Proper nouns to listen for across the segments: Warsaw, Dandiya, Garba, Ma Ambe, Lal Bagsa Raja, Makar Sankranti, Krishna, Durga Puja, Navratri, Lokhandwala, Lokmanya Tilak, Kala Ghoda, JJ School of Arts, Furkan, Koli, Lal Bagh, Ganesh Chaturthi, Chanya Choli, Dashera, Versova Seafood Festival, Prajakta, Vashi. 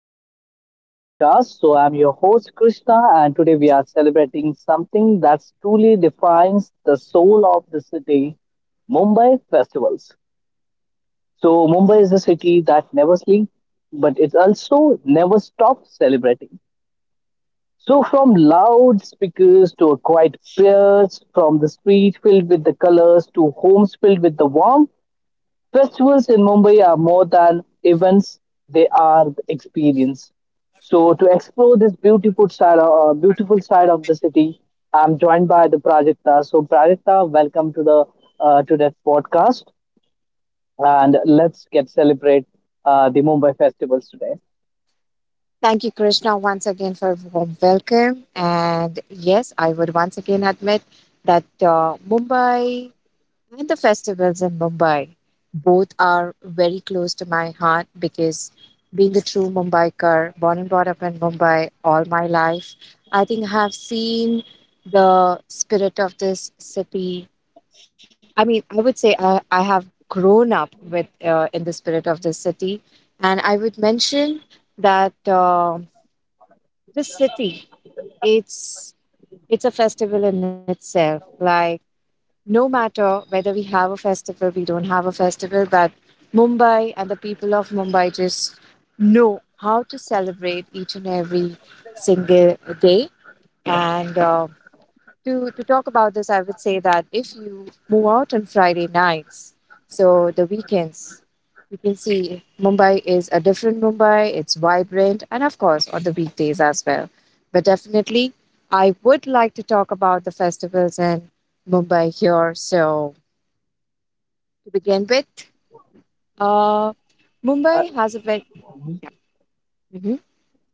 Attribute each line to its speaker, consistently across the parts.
Speaker 1: Welcome back to our podcast. I'm your host Krishna, and today we are celebrating something that truly defines the soul of the city, Mumbai festivals. Mumbai is a city that never sleeps, but it also never stops celebrating. From loudspeakers to a quiet prayers, from the street filled with the colors to homes filled with the warmth, festivals in Mumbai are more than events, they are the experience. So to explore this beautiful side of the city, I'm joined by the Prajakta. So Prajakta, welcome to the to that podcast, and let's get celebrate the Mumbai festivals today.
Speaker 2: Thank you, Krishna, once again for a warm welcome. And yes, I would once again admit that Mumbai and the festivals in Mumbai both are very close to my heart because being a true Mumbaikar, born and brought up in Mumbai all my life, I think I have seen the spirit of this city. I mean, I would say I have grown up with in the spirit of this city. And I would mention that. um the city it's it's a festival in itself, like no matter whether we have a festival, we don't have a festival, but Mumbai and the people of Mumbai just know how to celebrate each and every single day. And to talk about this, I would say that if you move out on Friday nights, so the weekends, you can see Mumbai is a different Mumbai. It's vibrant, and of course on the weekdays as well. But definitely, I would like to talk about the festivals in Mumbai here. So to begin with, uh,
Speaker 1: Uh,
Speaker 2: Mumbai has a very. Mhm.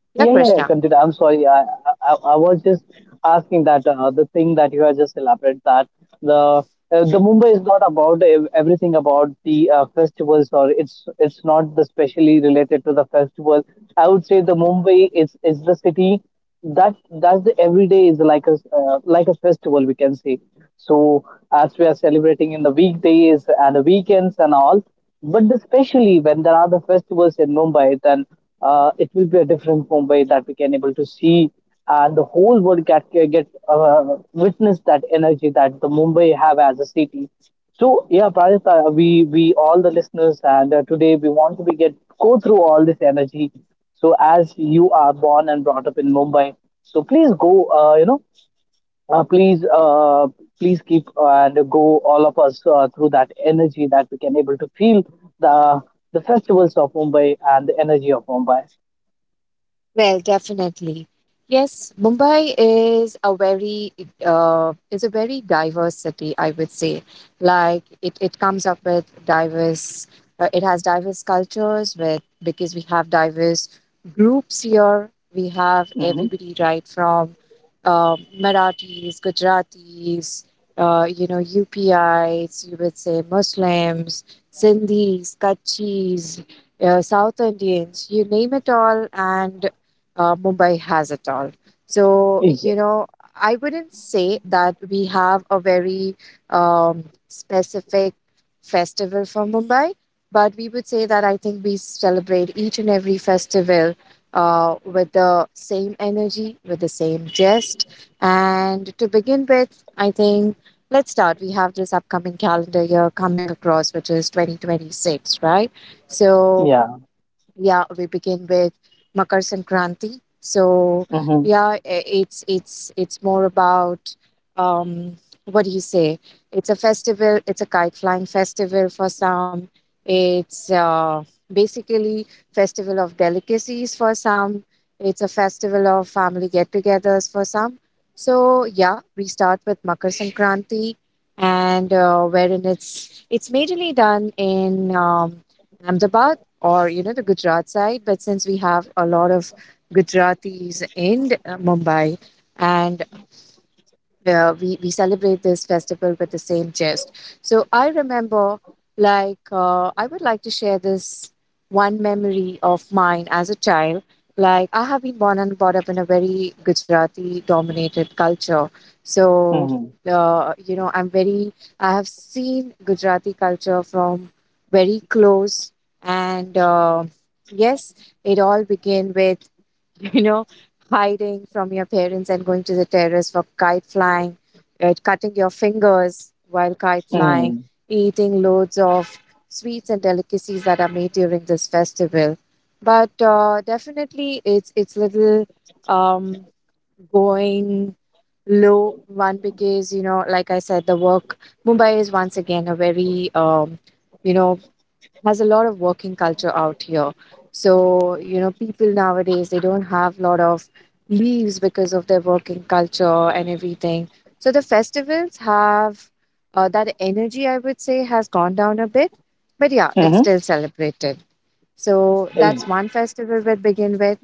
Speaker 1: yeah,
Speaker 2: Yeah,
Speaker 1: yeah, yeah.
Speaker 2: Krishna.
Speaker 1: Continue. I'm sorry. I was just asking that the thing that you have just elaborated, that the the Mumbai is not about everything about the festivals, or it's not the specially related to the festival. I would say the Mumbai is the city that that's the everyday is like a festival, we can say. So as we are celebrating in the weekdays and the weekends and all, but especially when there are the festivals in Mumbai, then it will be a different Mumbai that we can able to see, and the whole world get witness that energy that the Mumbai have as a city. So yeah, Pradita, we all the listeners, and today we want to be get go through all this energy. So as you are born and brought up in Mumbai, so please uh, please uh, please keep and go all of us through that energy that we can able to feel the the festivals of Mumbai and the energy of Mumbai.
Speaker 2: Well, definitely. Yes, Mumbai is a very diverse city, I would say. Like it comes up with diverse it has diverse cultures with because we have diverse groups here. We have
Speaker 1: Hmm.
Speaker 2: everybody right from Marathis, Gujaratis, UPIs, you would say Muslims, Sindhis, Kachis, South Indians, you name it all, and Mumbai has it all. So, you
Speaker 1: Yes.
Speaker 2: know, I wouldn't say that we have a very specific festival for Mumbai, but we would say that I think we celebrate each and every festival with the same energy, with the same gist. And to begin with, I think let's start. We have this upcoming calendar year coming across, which is 2026, right? So,
Speaker 1: Yeah.
Speaker 2: yeah, we begin with Makar Sankranti. So,
Speaker 1: Hmm.
Speaker 2: yeah, it's more about, um what do you say, it's a festival, it's a kite flying festival for some, it's, basically festival of delicacies for some, it's a festival of family get-togethers for some. So yeah, we start with Makar Sankranti. And wherein it's majorly done in Ahmedabad, or the Gujarat side. But since we have a lot of Gujaratis in Mumbai, and yeah, we celebrate this festival with the same jest. So I remember, like, I would like to share this one memory of mine as a child. Like, I have been born and brought up in a very Gujarati dominated culture. So,
Speaker 1: Hmm.
Speaker 2: uh, you know, I'm very, I have seen Gujarati culture from very close. And yes, it all began with you know, hiding from your parents and going to the terrace for kite flying, cutting your fingers while kite flying,
Speaker 1: Mm.
Speaker 2: eating loads of sweets and delicacies that are made during this festival. But definitely, it's little um, going low one because, like I said, the work Mumbai is once again a very you know has a lot of working culture out here. So, people nowadays they don't have a lot of leaves because of their working culture and everything. So the festivals have that energy, I would say, has gone down a bit. But yeah, it's
Speaker 1: Mm-hmm.
Speaker 2: still celebrated. So that's one festival we begin with.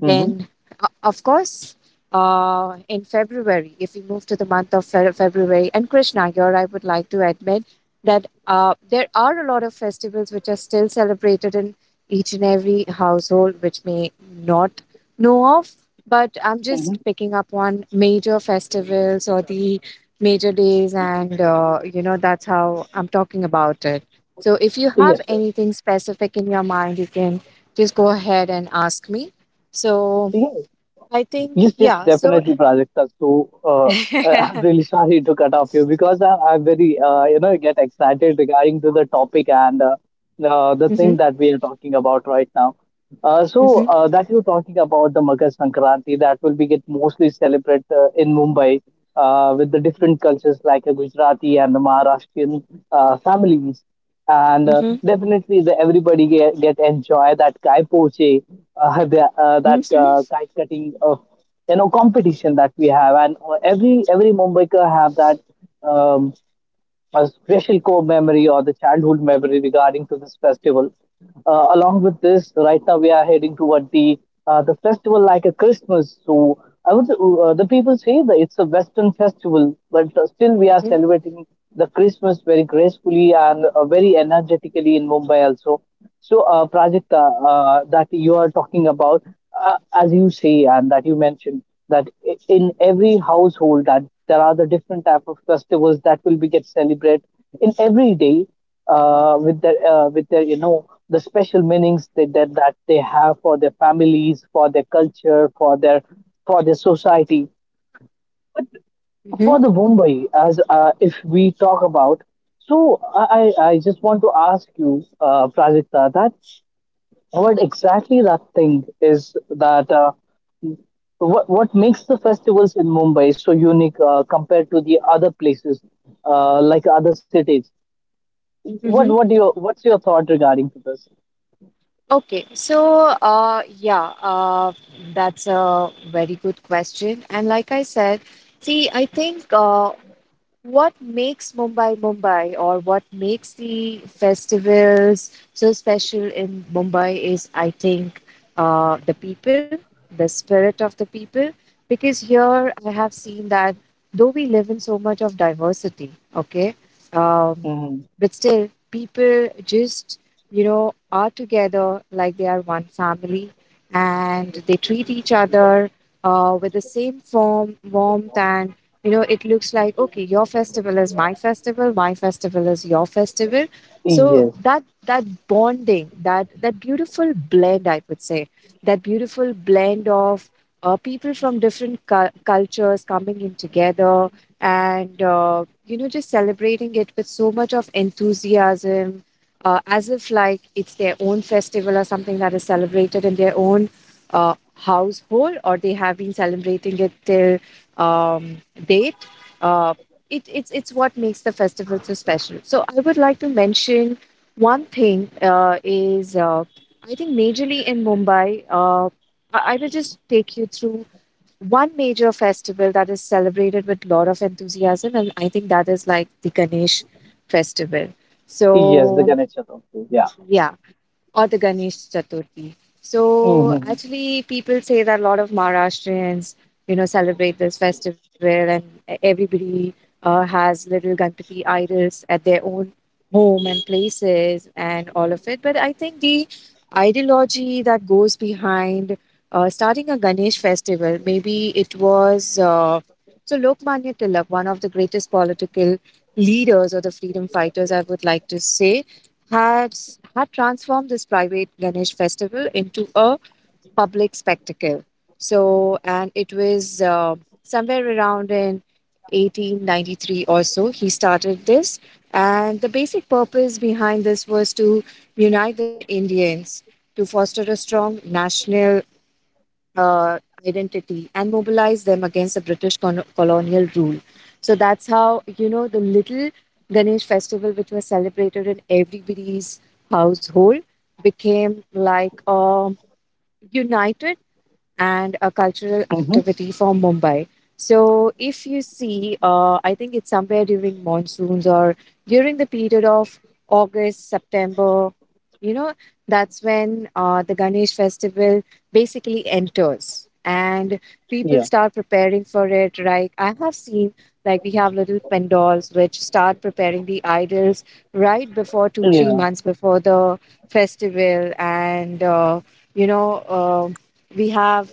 Speaker 1: Mm-hmm.
Speaker 2: of course, in February, if we move to the month of February, and Krishna, here I would like to admit that there are a lot of festivals which are still celebrated in each and every household, which may not know of. But I'm
Speaker 1: Mm-hmm.
Speaker 2: just picking up on major festivals or the major days, and that's how I'm talking about it. So, if you have
Speaker 1: Yes, yes.
Speaker 2: anything specific in your mind, you can just go ahead and ask me. So
Speaker 1: Yeah.
Speaker 2: I think,
Speaker 1: Yes, yes,
Speaker 2: yeah. So,
Speaker 1: definitely, Prajakta. So, I'm really sorry to cut off you because I very, get excited regarding to the topic and the thing
Speaker 2: Mhm,
Speaker 1: that we are talking about right now.
Speaker 2: mhm,
Speaker 1: That you're talking about the Makar Sankranti, that will be get mostly celebrated in Mumbai with the different cultures like Gujarati and the Maharashtrian families, and
Speaker 2: mhm,
Speaker 1: definitely the everybody get enjoy that kai poche, the, that
Speaker 2: mhm,
Speaker 1: kite cutting, competition that we have, and every Mumbaikar have that um, a special core memory or the childhood memory regarding to this festival. Along with this, right now we are heading toward the festival like a Christmas. So I would the people say that it's a Western festival, but still we are
Speaker 2: mhm,
Speaker 1: celebrating the Christmas very gracefully and very energetically in Mumbai also. So project that you are talking about, as you say and that you mentioned that in every household that there are the different type of festivals that will be get celebrated in every day, with their, you know, the special meanings that they have for their families, for their culture, for their society, for
Speaker 2: mhm,
Speaker 1: the Mumbai. As if we talk about, so I just want to ask you, Prajakta, that what exactly that thing is that. So what makes the festivals in Mumbai so unique compared to the other places, like other cities?
Speaker 2: mhm.
Speaker 1: What's your thought regarding to this?
Speaker 2: Okay. So, yeah, that's a very good question. And like I said, see, I think what makes Mumbai Mumbai or what makes the festivals so special in Mumbai is, I think, the people, the spirit of the people. Because here I have seen that though we live in so much of diversity, okay, um,
Speaker 1: Hmm.
Speaker 2: but still people just, are together like they are one family, and they treat each other with the same form, warmth, and it looks like, okay, your festival is my festival, my festival is your festival. So
Speaker 1: Yes,
Speaker 2: that that bonding, that beautiful blend, I would say, that beautiful blend of people from different cultures coming in together, and just celebrating it with so much of enthusiasm, as if like it's their own festival or something that is celebrated in their own uh, household, or they have been celebrating it till um, date. Uh, it's what makes the festival so special. So I would like to mention one thing, is I think majorly in Mumbai. I will just take you through one major festival that is celebrated with lot of enthusiasm, and I think that is like the Ganesh festival.
Speaker 1: yes, the
Speaker 2: So
Speaker 1: Ganesh Chaturthi. Yeah.
Speaker 2: yeah, or the Ganesh Chaturthi. So
Speaker 1: Hmm.
Speaker 2: actually, people say that a lot of Maharashtrians, celebrate this festival, and everybody has little Ganpati idols at their own home and places and all of it. But I think the ideology that goes behind starting a Ganesh festival, maybe it was so Lokmanya Tilak, one of the greatest political leaders or the freedom fighters, I would like to say, had, had transformed this private Ganesh festival into a public spectacle. So, and it was somewhere around in 1893 or so, he started this. And the basic purpose behind this was to unite the Indians, to foster a strong national uh, identity and mobilize them against the British colonial rule. So that's how, the little Ganesh festival, which was celebrated in everybody's household, became like a united and a cultural
Speaker 1: Hmm.
Speaker 2: activity for Mumbai. So, if you see, I think it's somewhere during monsoons or during the period of August, September, you know, that's when the Ganesh festival basically enters and people
Speaker 1: Yeah.
Speaker 2: start preparing for it. Like, I have seen, like, we have little pandals which start preparing the idols right before 2, three
Speaker 1: Yeah.
Speaker 2: months before the festival. And, you know, um we have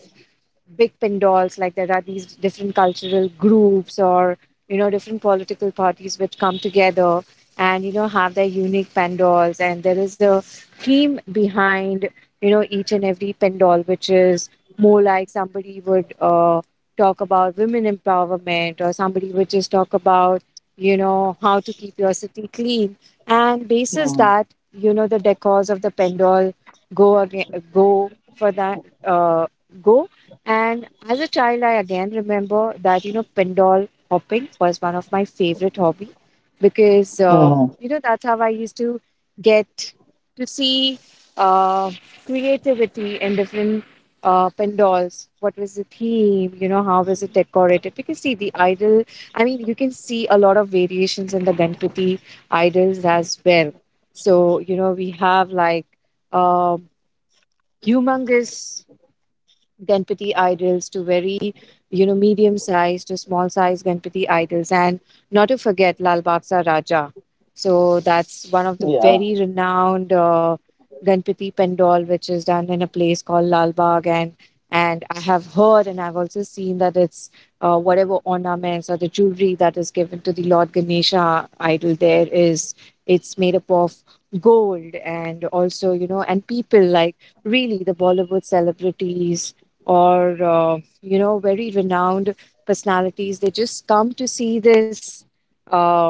Speaker 2: big pandals, like there are these different cultural groups, or different political parties which come together, and have their unique pandals, and there is a theme behind each and every pandal, which is more like somebody would talk about women empowerment, or somebody would just talk about how to keep your city clean, and basis that,
Speaker 1: Hmm.
Speaker 2: the decors of the pendol go again go for that go and as a child, I again remember that, pendol hopping was one of my favorite hobby because,
Speaker 1: Hmm.
Speaker 2: that's how I used to get to see uh, creativity in different pendols. What was the theme? How was it decorated? Because see, the idol, I mean, you can see a lot of variations in the Ganpati idols as well. So, we have like um humongous Ganpati idols to very, medium sized to small sized Ganpati idols. And not to forget Lal Bagsa Raja. So that's one of the very
Speaker 1: Yeah.
Speaker 2: renowned Ganpati Pendal, which is done in a place called Lal Bagh. And I have heard and I've also seen that it's whatever ornaments or the jewelry that is given to the Lord Ganesha idol there is, it's made up of gold. And also, and people like really the Bollywood celebrities, or very renowned personalities, they just come to see this uh,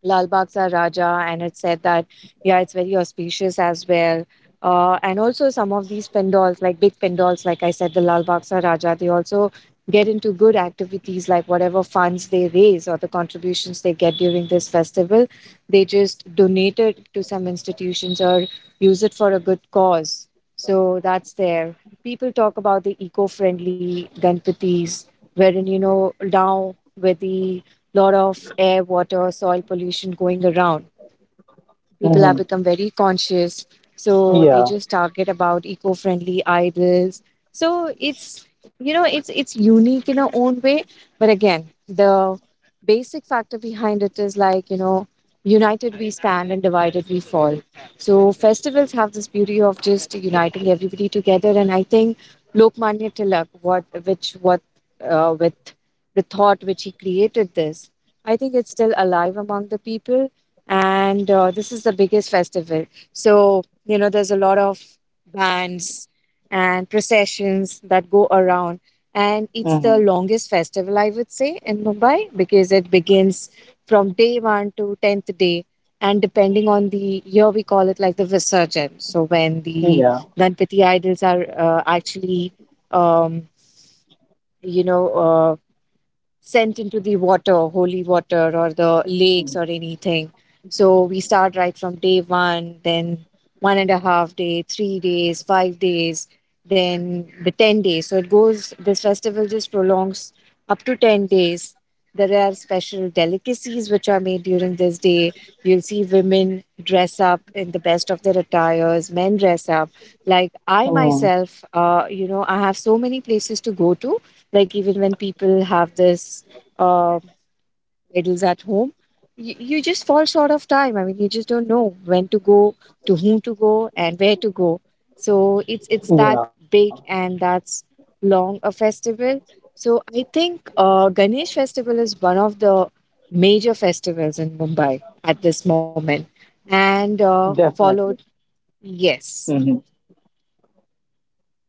Speaker 2: Lal Bagh Sa Raja, and it said that, yeah, it's very auspicious as well. And also some of these pandals, like big pandals, like I said, the Lal Bagh Sa Raja, they also get into good activities like whatever funds they raise or the contributions they get during this festival, they just donate it to some institutions or use it for a good cause. So that's there. People talk about the eco-friendly Ganpatis, wherein, now with the lot of air, water, soil pollution going around, people have become
Speaker 1: Hmm.
Speaker 2: very conscious, so they just
Speaker 1: Yeah.
Speaker 2: target about eco-friendly idols. So it's you know it's unique in our own way. But again, the basic factor behind it is like, united we stand and divided we fall. So festivals have this beauty of just uniting everybody together. And I think Lokmanya Tilak, what which what with the thought which he created this, I think it's still alive among the people. And this is the biggest festival. So there's a lot of bands and processions that go around, and it's the
Speaker 1: Hmm.
Speaker 2: longest festival I would say in Mumbai, because it begins from day 1 to 10th day. And depending on the year, we call it like the visarjan. So when the
Speaker 1: Yeah.
Speaker 2: Ganpati idols are actually, um, you know uh, sent into the water, holy water, or the lakes or anything. So we start right from day one, then 1.5 day, 3 days, 5 days, then the 10 days. So it goes, this festival just prolongs up to 10 days. There are special delicacies which are made during this day. You'll see women dress up in the best of their attires, men dress up. Like I
Speaker 1: Hmm.
Speaker 2: myself, I have so many places to go to, like even when people have this uh, idols at home, you just fall short of time. I mean, you just don't know when to go, to whom to go, and where to go. So it's that
Speaker 1: Yeah.
Speaker 2: big and that's long a festival. So I think Ganesh festival is one of the major festivals in Mumbai at this moment, and
Speaker 1: Definitely.
Speaker 2: followed yes.
Speaker 1: Mhm.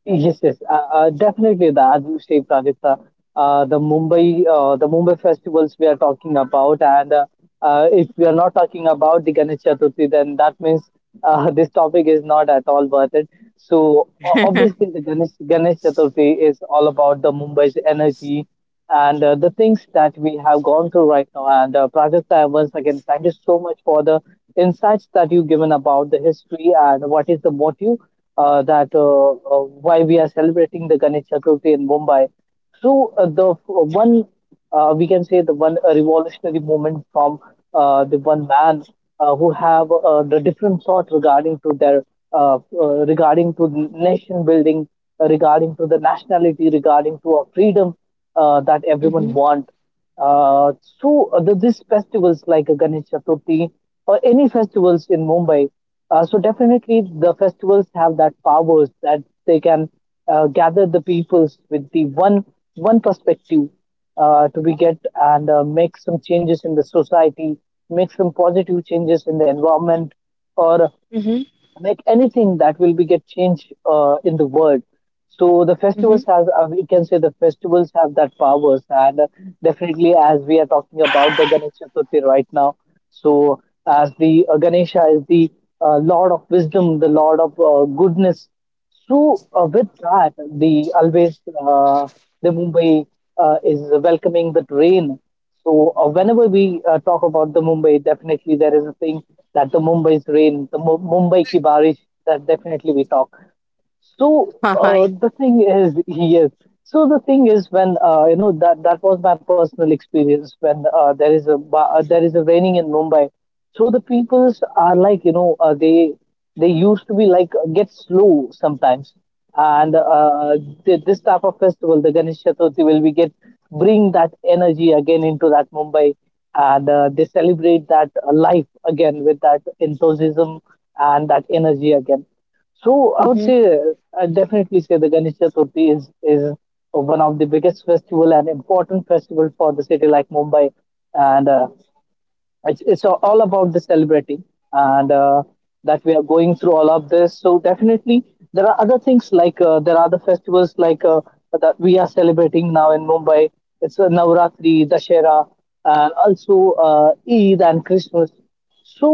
Speaker 1: Yes, yes, definitely. The, as you say, Pradipta, the Mumbai festivals we are talking about, and if we are not talking about Ganesh Chaturthi, then that means this topic is not at all worth it. So obviously, the Ganesh Chaturthi is all about the Mumbai's energy, and the things that we have gone through right now. And Prajakta, once again, thank you so much for the insights that you've given about the history and what is the motive that why we are celebrating the Ganesh Chaturthi in Mumbai. So one, we can say, the one revolutionary movement from the one man who have the different thought regarding to their regarding to nation building, regarding to the nationality, regarding to our freedom that everyone
Speaker 2: Mm-hmm.
Speaker 1: want. Uh, so the, these festivals like Ganesh Chaturthi or any festivals in Mumbai, so definitely the festivals have that powers that they can gather the peoples with the one perspective to be get and make some changes in the society, make some positive changes in the environment, or
Speaker 2: Mm-hmm.
Speaker 1: like anything that will be get changed in the world. So the festivals
Speaker 2: Mm-hmm.
Speaker 1: has, we can say the festivals have that powers, and definitely as we are talking about the Ganesh Chaturthi right now. So as the Ganesha is the lord of wisdom, the lord of goodness, so with that, the always the Mumbai is welcoming the rain. So whenever we talk about the Mumbai, definitely there is a thing that the Mumbai's rain, the Mumbai ki barish, that definitely we talk. So
Speaker 2: Hi.
Speaker 1: the thing is, yes. So the thing is, when you know that that was my personal experience when there is a raining in Mumbai. So the peoples are like, you know, they used to be like get slow sometimes, and this type of festival, the Ganesh Chaturthi, will we get bring that energy again into that Mumbai, and they celebrate that life again with that enthusiasm and that energy again. So I would
Speaker 2: Mm-hmm.
Speaker 1: say, I definitely say the Ganesh Chaturthi is one of the biggest festival and important festival for the city like Mumbai, and it's all about the celebrating, and that we are going through all of this. So definitely there are other things like there are other festivals like that we are celebrating now in Mumbai. It's Navratri, Dashera, and also Eid and Christmas. So,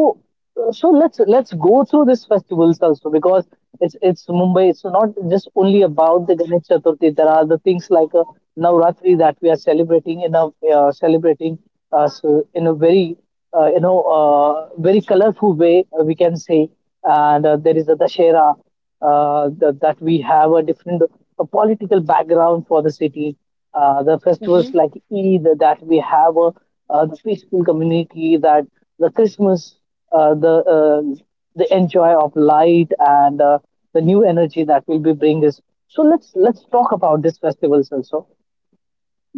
Speaker 1: so let's go through these festivals also because it's Mumbai. It's not just only about the Ganesh Chaturthi. There are the things like Navratri that we are celebrating in a celebrating so in a very very colorful way, we can say, and there is the Dashera, that we have a different political background for the city. The festivals like Eid, that we have a, the peaceful community, that the Christmas, uh, the uh, the enjoy of light, and the new energy that will be bring us. So let's talk about these festivals also.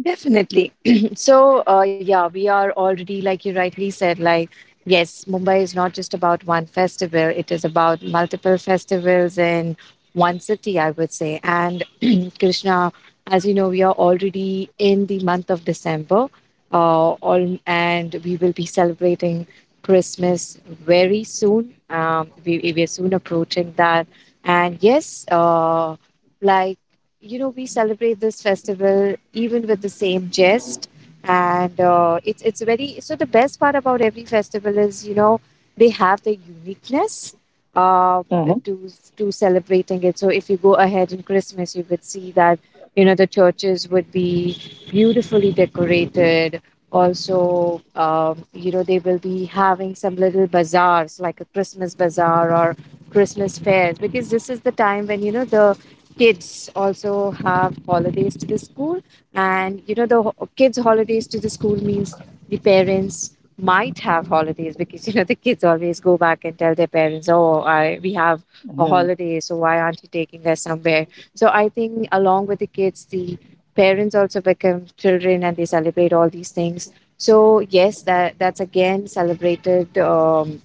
Speaker 2: Definitely. So, yeah, we are already, like you rightly said, like, yes, Mumbai is not just about one festival. It is about multiple festivals in one city, I would say. And Krishna, as you know, we are already in the month of December, all, and we will be celebrating Christmas very soon. We are soon approaching that. And yes, like, we celebrate this festival even with the same jest. And it's very, so the best part about every festival is, they have the uniqueness uh,
Speaker 1: Hmm.
Speaker 2: to celebrating it. So if you go ahead in Christmas, you would see that the churches would be beautifully decorated. Also, they will be having some little bazaars, like a Christmas bazaar or Christmas fairs, because this is the time when the kids also have holidays to the school. And the kids holidays to the school means the parents might have holidays, because the kids always go back and tell their parents, oh, we have a
Speaker 1: Hmm.
Speaker 2: holiday, so why aren't you taking us somewhere? So I think, along with the kids, the parents also become children and they celebrate all these things. So yes, that's again celebrated,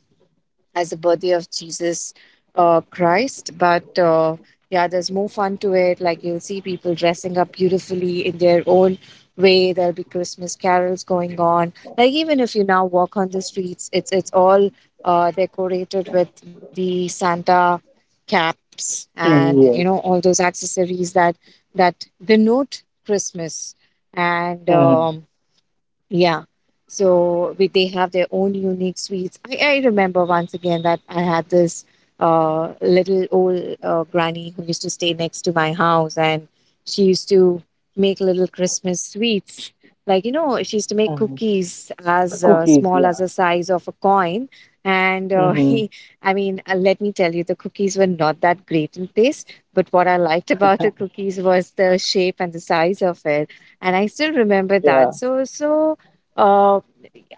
Speaker 2: as the birthday of Jesus Christ. But yeah, there's more fun to it. Like, you'll see people dressing up beautifully in their own way. There'll be Christmas carols going on. Like, even if you now walk on the streets, it's all decorated with the Santa caps, and
Speaker 1: Yes.
Speaker 2: all those accessories that denote Christmas. And
Speaker 1: Hmm.
Speaker 2: um, yeah. So they have their own unique sweets. I remember once again that I had this little old granny who used to stay next to my house, and she used to make little Christmas sweets. Like, you know, she used to make
Speaker 1: Hmm.
Speaker 2: cookies as
Speaker 1: Cookies,
Speaker 2: small as
Speaker 1: yeah.
Speaker 2: the size of a coin. And
Speaker 1: Hmm.
Speaker 2: I mean, let me tell you, the cookies were not that great in taste. But what I liked about the cookies was the shape and the size of it, and I still remember
Speaker 1: Yeah.
Speaker 2: that. So so uh,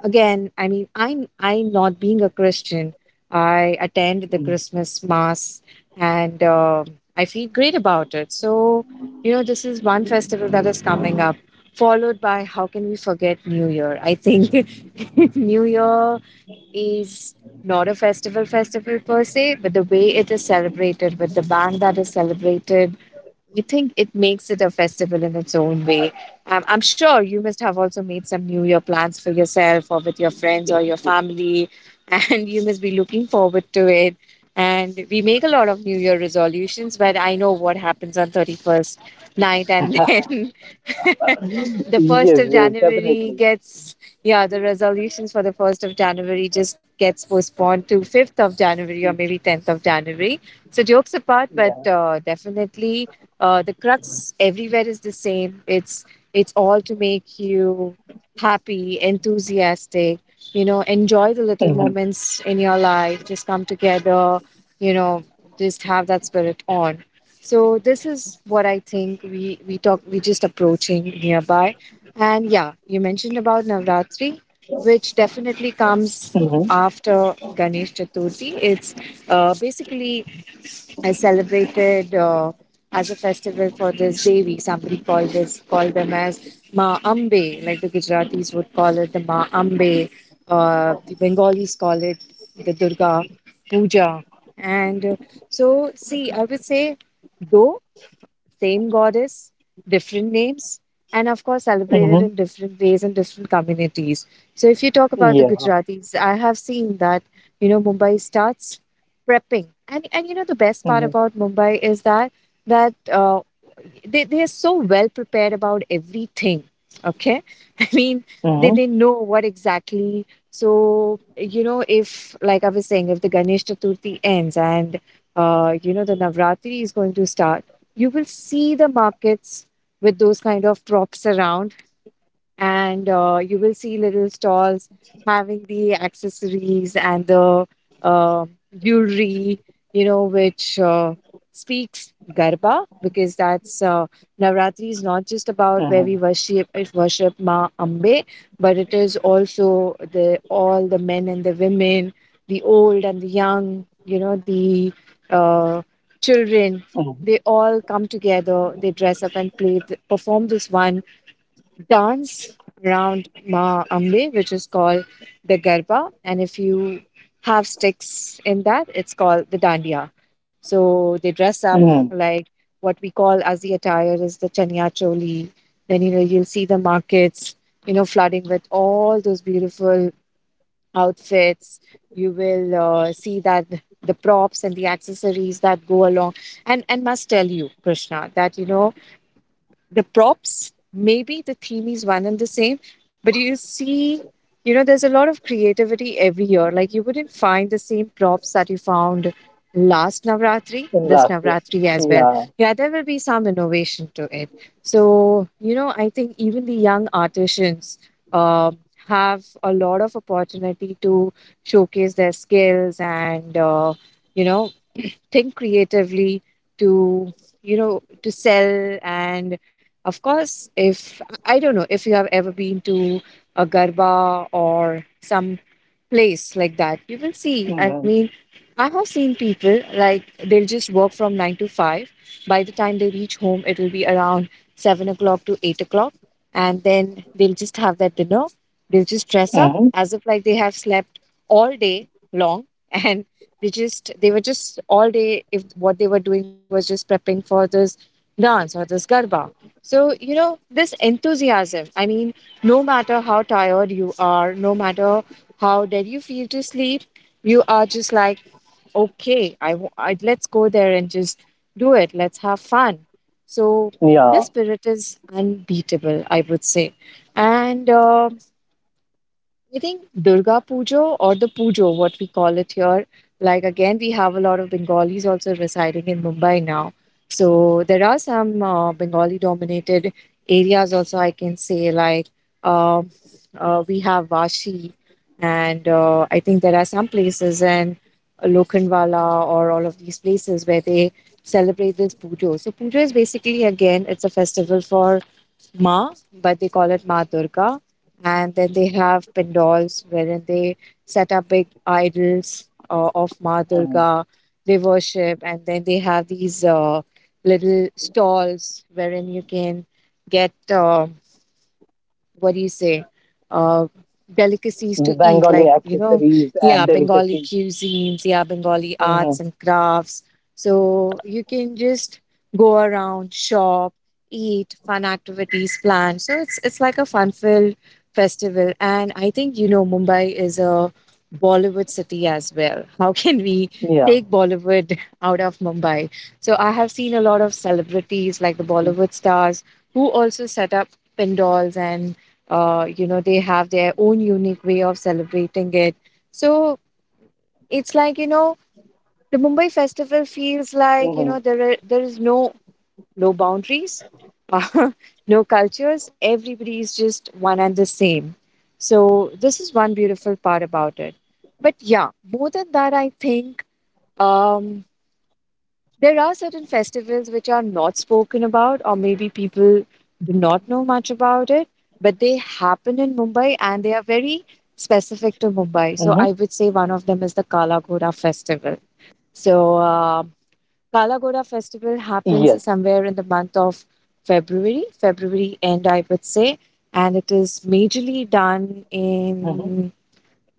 Speaker 2: again, I mean, I'm I not being a Christian, I attend the Christmas mass, and I feel great about it. So this is one festival that is coming up, followed by, how can we forget New Year? I think New Year is not a festival festival per se, but the way it is celebrated, with the band that is celebrated, I think it makes it a festival in its own way. I'm sure you must have also made some New Year plans for yourself or with your friends or your family, and you must be looking forward to it. And we make a lot of New Year resolutions, but I know what happens on 31st night, and then the first
Speaker 1: Yes,
Speaker 2: of
Speaker 1: yes,
Speaker 2: January
Speaker 1: definitely.
Speaker 2: gets, yeah, the resolutions for the first of January just gets postponed to fifth of January or maybe 10th of January. So jokes apart, but
Speaker 1: Yeah.
Speaker 2: definitely, the crux everywhere is the same. It's all to make you happy, enthusiastic. You know, enjoy the little moments in your life. Just come together. You know, just have that spirit on. So this is what I think we just approaching nearby. And yeah, you mentioned about Navratri, which definitely comes
Speaker 1: Mm-hmm.
Speaker 2: after Ganesh Chaturthi. It's basically celebrated as a festival for this Devi. Somebody called them as Ma Ambe, like the Gujaratis would call it the Ma Ambe. The Bengalis call it the Durga Puja. And so, see, I would say, though same goddess, different names, and of course celebrated
Speaker 1: Mm-hmm.
Speaker 2: in different ways in different communities. So if you talk about the
Speaker 1: Yeah.
Speaker 2: Gujaratis, I have seen that Mumbai starts prepping, and the best part
Speaker 1: Mm-hmm.
Speaker 2: about Mumbai is that they are so well prepared about everything, okay? I mean, they
Speaker 1: Mm-hmm.
Speaker 2: know what exactly. So if, like I was saying, if the Ganesh Chaturthi ends, and the Navratri is going to start, you will see the markets with those kind of props around. And you will see little stalls having the accessories and the uh, jewelry, you know, which speaks Garba, because that's Navratri
Speaker 1: Mm-hmm.
Speaker 2: is not just about where we worship Ma Ambe, but it is also the all the men and the women, the old and the young, you know, the uh,
Speaker 1: Mm-hmm.
Speaker 2: children. They all come together. They dress up and play, perform this one dance around Ma Ambe, which is called the Garba. And if you have sticks in that, it's called the Dandiya. So they dress up
Speaker 1: Mm-hmm.
Speaker 2: like what we call as the attire is the Chanya Choli. Then you'll see the markets, you know, flooding with all those beautiful outfits. You will see that the props and the accessories that go along. And must tell you, Krishna, that the props, maybe the theme is one and the same, but you see, you know, there's a lot of creativity every year. Like, you wouldn't find the same props that you found last Navratri,
Speaker 1: In
Speaker 2: this
Speaker 1: last year.
Speaker 2: Navratri as well.
Speaker 1: Yeah.
Speaker 2: Yeah, there will be some innovation to it. So, you know, I think even the young artisans, um, have a lot of opportunity to showcase their skills and, you know, think creatively to, to sell. And of course, if I don't know if you have ever been to a Garba or some place like that. You will see, I
Speaker 1: Mm-hmm.
Speaker 2: mean, I have seen people, like, they'll just work from 9 to 5. By the time they reach home, it will be around 7 o'clock to 8 o'clock, and then they'll just have that dinner. They'll just dress up
Speaker 1: Mm-hmm.
Speaker 2: as if like they have slept all day long. And they were just all day, if what they were doing was just prepping for this dance or this Garba. So, this enthusiasm, I mean, no matter how tired you are, no matter how dead you feel to sleep, you are just like, okay, I, w- I let's go there and just do it. Let's have fun. So
Speaker 1: Yeah.
Speaker 2: this spirit is unbeatable, I would say. And I think Durga Pujo, or the Pujo, what we call it here, like, again, we have a lot of Bengalis also residing in Mumbai now. So there are some Bengali dominated areas also, I can say, like um we have Vashi, and I think there are some places in Lokhandwala or all of these places where they celebrate this Pujo. So Pujo is basically, again, it's a festival for Ma, but they call it Ma Durga. And then they have pandals wherein they set up big idols of Ma
Speaker 1: Mm-hmm.
Speaker 2: Durga. They worship, and then they have these little stalls wherein you can get what do you say uh, delicacies
Speaker 1: The
Speaker 2: to eat,
Speaker 1: Bengali
Speaker 2: like,
Speaker 1: accessories
Speaker 2: yeah,
Speaker 1: and
Speaker 2: Bengali
Speaker 1: delicacies.
Speaker 2: cuisines, yeah, Bengali
Speaker 1: Mm-hmm.
Speaker 2: arts and crafts. So you can just go around, shop, eat, fun activities planned. So it's like a fun filled festival. And I think, you know, Mumbai is a Bollywood city as well. How can we
Speaker 1: Yeah.
Speaker 2: take Bollywood out of Mumbai? So I have seen a lot of celebrities, like the Bollywood stars, who also set up pandals, and you know, they have their own unique way of celebrating it. So
Speaker 1: Mm-hmm.
Speaker 2: it's like, you know, the Mumbai festival feels like, you know, there is no no boundaries. uh, no cultures, everybody is just one and the same. So this is one beautiful part about it. But yeah, more than that, I think, um there are certain festivals which are not spoken about, or maybe people do not know much about it, but they happen in
Speaker 1: Mm-hmm.
Speaker 2: Mumbai and they are very specific to Mumbai. So I would say one of them is the Kala Ghoda festival. So
Speaker 1: Yes.
Speaker 2: Kala Ghoda festival happens somewhere in the month of February, February end,
Speaker 1: Mm-hmm.
Speaker 2: I would say, and it is majorly done in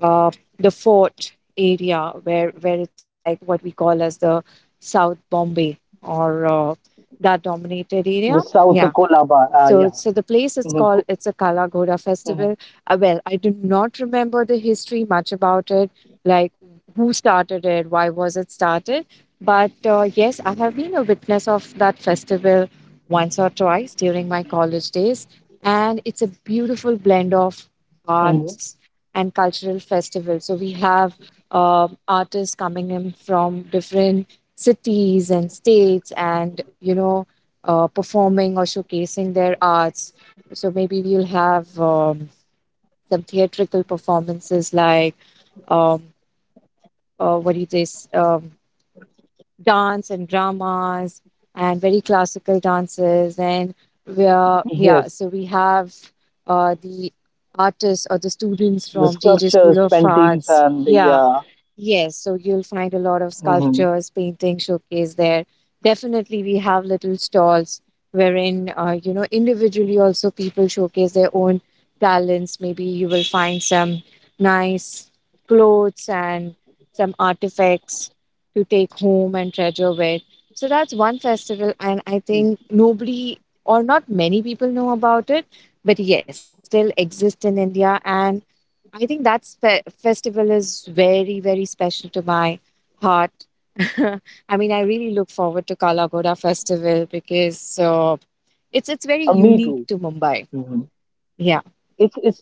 Speaker 2: uh, the fort area, where it's like what we call as the South
Speaker 1: The
Speaker 2: Bombay,
Speaker 1: South Kolaba.
Speaker 2: or
Speaker 1: Yeah.
Speaker 2: that dominated
Speaker 1: Mm-hmm.
Speaker 2: area. Yeah,
Speaker 1: Mm-hmm.
Speaker 2: so the place is called, it's a Kalagoda festival. Well, I do not remember the history much about it, like who started it, why was it started. But yes, I have been a witness of that festival once or twice during my college days, and it's a
Speaker 1: Mm-hmm.
Speaker 2: beautiful blend of arts and cultural festival. So we have artists coming in from different cities and states, and you know, performing or showcasing their arts. So maybe we'll have some theatrical performances, like, um, what do you say, s- dance and dramas and very classical dances. And we are, yeah, so we have
Speaker 1: Yes.
Speaker 2: the artists or the students from JJ School of Arts.
Speaker 1: The
Speaker 2: Yeah.
Speaker 1: sculptures,
Speaker 2: Yes,
Speaker 1: paintings,
Speaker 2: so you'll
Speaker 1: and
Speaker 2: find a
Speaker 1: yeah.
Speaker 2: lot of sculptures, paintings showcased there.
Speaker 1: Mm-hmm.
Speaker 2: Definitely, we have little stalls wherein, you know, individually also people showcase their own talents. Maybe you will find some nice clothes and some artifacts to take home and treasure with. So that's one festival, and I think nobody or not many people know about it. But yes, it still exists in India, and I think that festival is very, very special to my heart. I mean, I really look forward to Kala Ghoda festival because it's very
Speaker 1: Yes.
Speaker 2: unique to Mumbai. Yeah.
Speaker 1: Me too.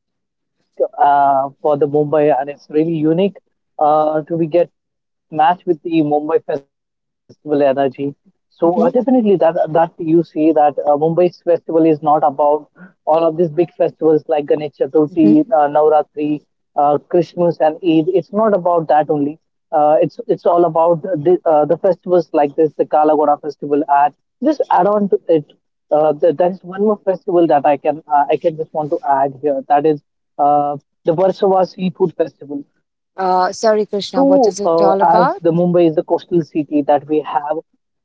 Speaker 1: It's really unique for the Mumbai, and it's really unique to be get matched with the Mumbai festival energy. So
Speaker 2: Hmm.
Speaker 1: definitely that that you see that Mumbai's festival is not about all of these big festivals like Ganesh
Speaker 2: Hmm.
Speaker 1: Chaturthi, Navratri, Christmas, and Eid. It's not about that only. It's all about the festivals like this, the Kalagoda festival, and just add on to it. There is one more festival that I can just want to add here. That is uh, the Versova Seafood Festival.
Speaker 2: Sorry, Krishna. What is it
Speaker 1: So
Speaker 2: all about?
Speaker 1: as the Mumbai is the coastal city that we have,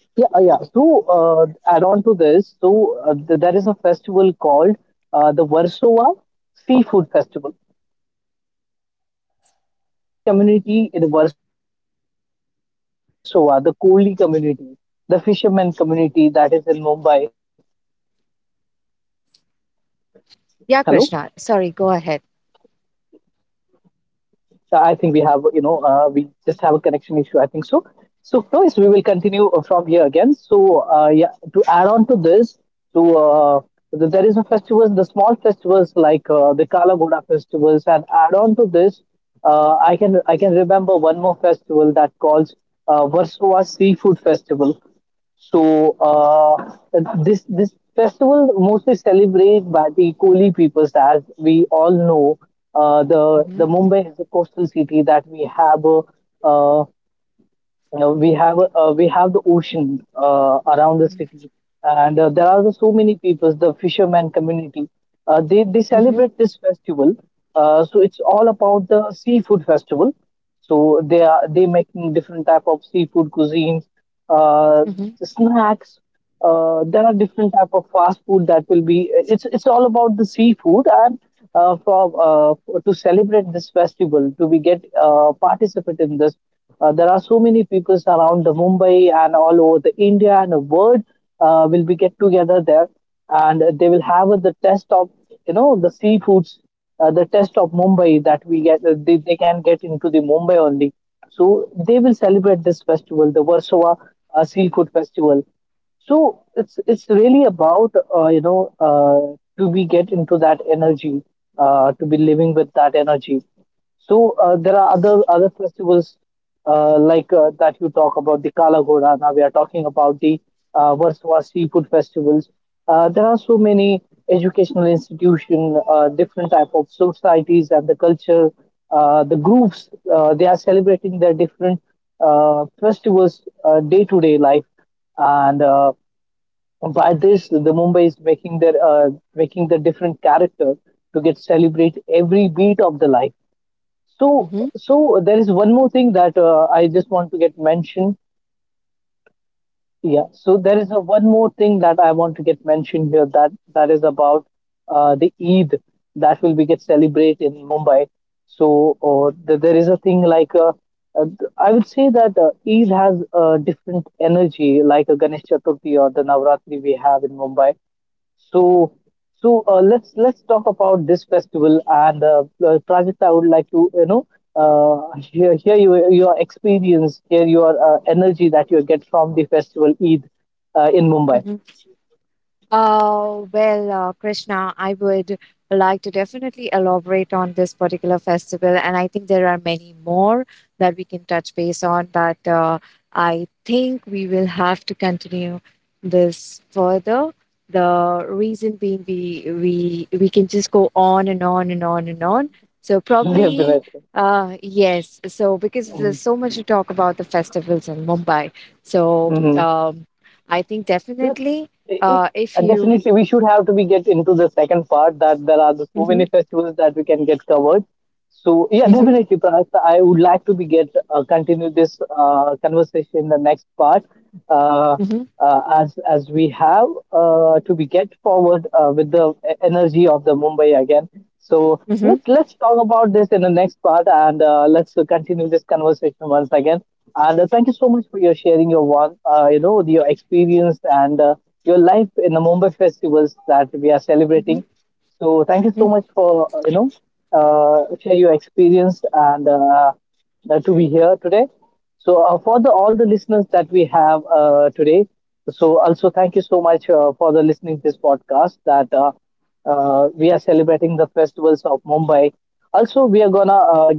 Speaker 1: yeah, yeah. So add on to this, so there is a festival called the Versova Seafood Festival. So it's a seafood festival where the community in Warsaw, the Koli community, the fishermen community that is in Mumbai.
Speaker 2: Yeah,
Speaker 1: Hello.
Speaker 2: Krishna. Sorry. Go ahead.
Speaker 1: A connection issue, I think so. So, Lois, we will continue from here again. So, yeah, to add on to this, to there is a festival, the small festivals like the Kala Ghoda festivals, and add on to this, I can remember one more festival that calls Warsaw Seafood Festival. So this festival mostly celebrated by the Koli peoples, as we all know. Uh, the
Speaker 2: Hmm.
Speaker 1: the Mumbai is a coastal city that we have uh, we have we have the ocean around the city, and there are so many peoples, the fisherman community. They
Speaker 2: Hmm.
Speaker 1: celebrate this festival. So it's all about the seafood festival. So they are they making different type of seafood cuisines, uh,
Speaker 2: Hmm.
Speaker 1: snacks, there are different type of fast food that will be it's all about the seafood, and to celebrate this festival, to be get participate in this, there are so many people around the mumbai and all over the india and the world, will be get together there, and they will have the test of the seafoods, the test of mumbai that we get. They can get into the mumbai only, so they will celebrate this festival, the warsaw seafood festival. So it's really about, uh, you know uh, do we get into that energy, to be living with that energy. So there are other festivals like that you talk about the Kala Ghoda. Now we are talking about the Warsaw seafood festivals. There are so many educational institutions, different type of societies and the culture, the groups. They are celebrating their different festivals day to day life, and by this, the Mumbai is making their making the different character to get celebrate every beat of the life. So,
Speaker 2: Hmm.
Speaker 1: so there is one more thing that I just want to get mentioned. Yeah. So there is a one more thing that I want to get mentioned here. That is about the Eid that will be get celebrated in Mumbai. There is a thing like uh, I would say that Eid has a different energy, like a Ganesh Chaturthi or the Navratri we have in Mumbai. So, so let's talk about this festival, and Prajita, I would like to hear your experience, hear your energy that you get from the festival Eid in Mumbai.
Speaker 2: Hmm. Krishna, I would like to definitely elaborate on this particular festival, and I think there are many more that we can touch base on, but I think we will have to continue this further. The reason being we can just go on and on and on and on. So probably,
Speaker 1: Definitely.
Speaker 2: yes. So because there's so much to talk about the festivals in Mumbai. So
Speaker 1: Mm-hmm.
Speaker 2: I think
Speaker 1: That's,
Speaker 2: definitely,
Speaker 1: i i-
Speaker 2: if
Speaker 1: and
Speaker 2: you.
Speaker 1: definitely, we should have to be get into the second part that there are the, so
Speaker 2: Mm-hmm.
Speaker 1: many festivals that we can get covered. So yeah,
Speaker 2: Mm-hmm.
Speaker 1: definitely, Prakash. I would like to be get continue this conversation in the next part, uh,
Speaker 2: Mm-hmm.
Speaker 1: as we have to be get forward with the energy of the Mumbai again. So let's talk about this in the next part, and let's continue this conversation once again. And thank you so much for your sharing your one, your experience and your life in the Mumbai festivals that we are
Speaker 2: Mm-hmm.
Speaker 1: celebrating. So thank you
Speaker 2: Mm-hmm.
Speaker 1: so much for share your experience and to be here today. So for the all the listeners that we have today, so also thank you so much for the listening this podcast that we are celebrating the festivals of Mumbai. Also, we are gonna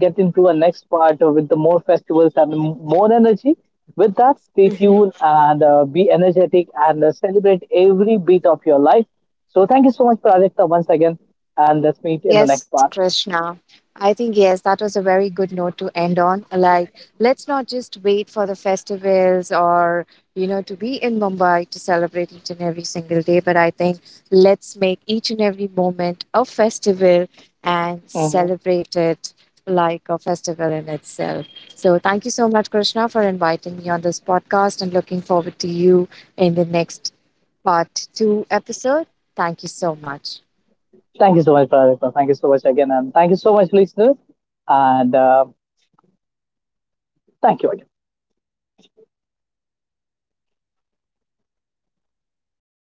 Speaker 2: Yes, Krishna. I think, yes, that was a very good note to end on. Like, let's not just wait for the festivals, or, you know, to be in Mumbai to celebrate each and every single day. But I think let's make each and every moment a festival and celebrate it like a festival in itself. So, thank you so much, Krishna, for inviting me on this podcast and looking forward to you in the next part two episode. Thank you so much.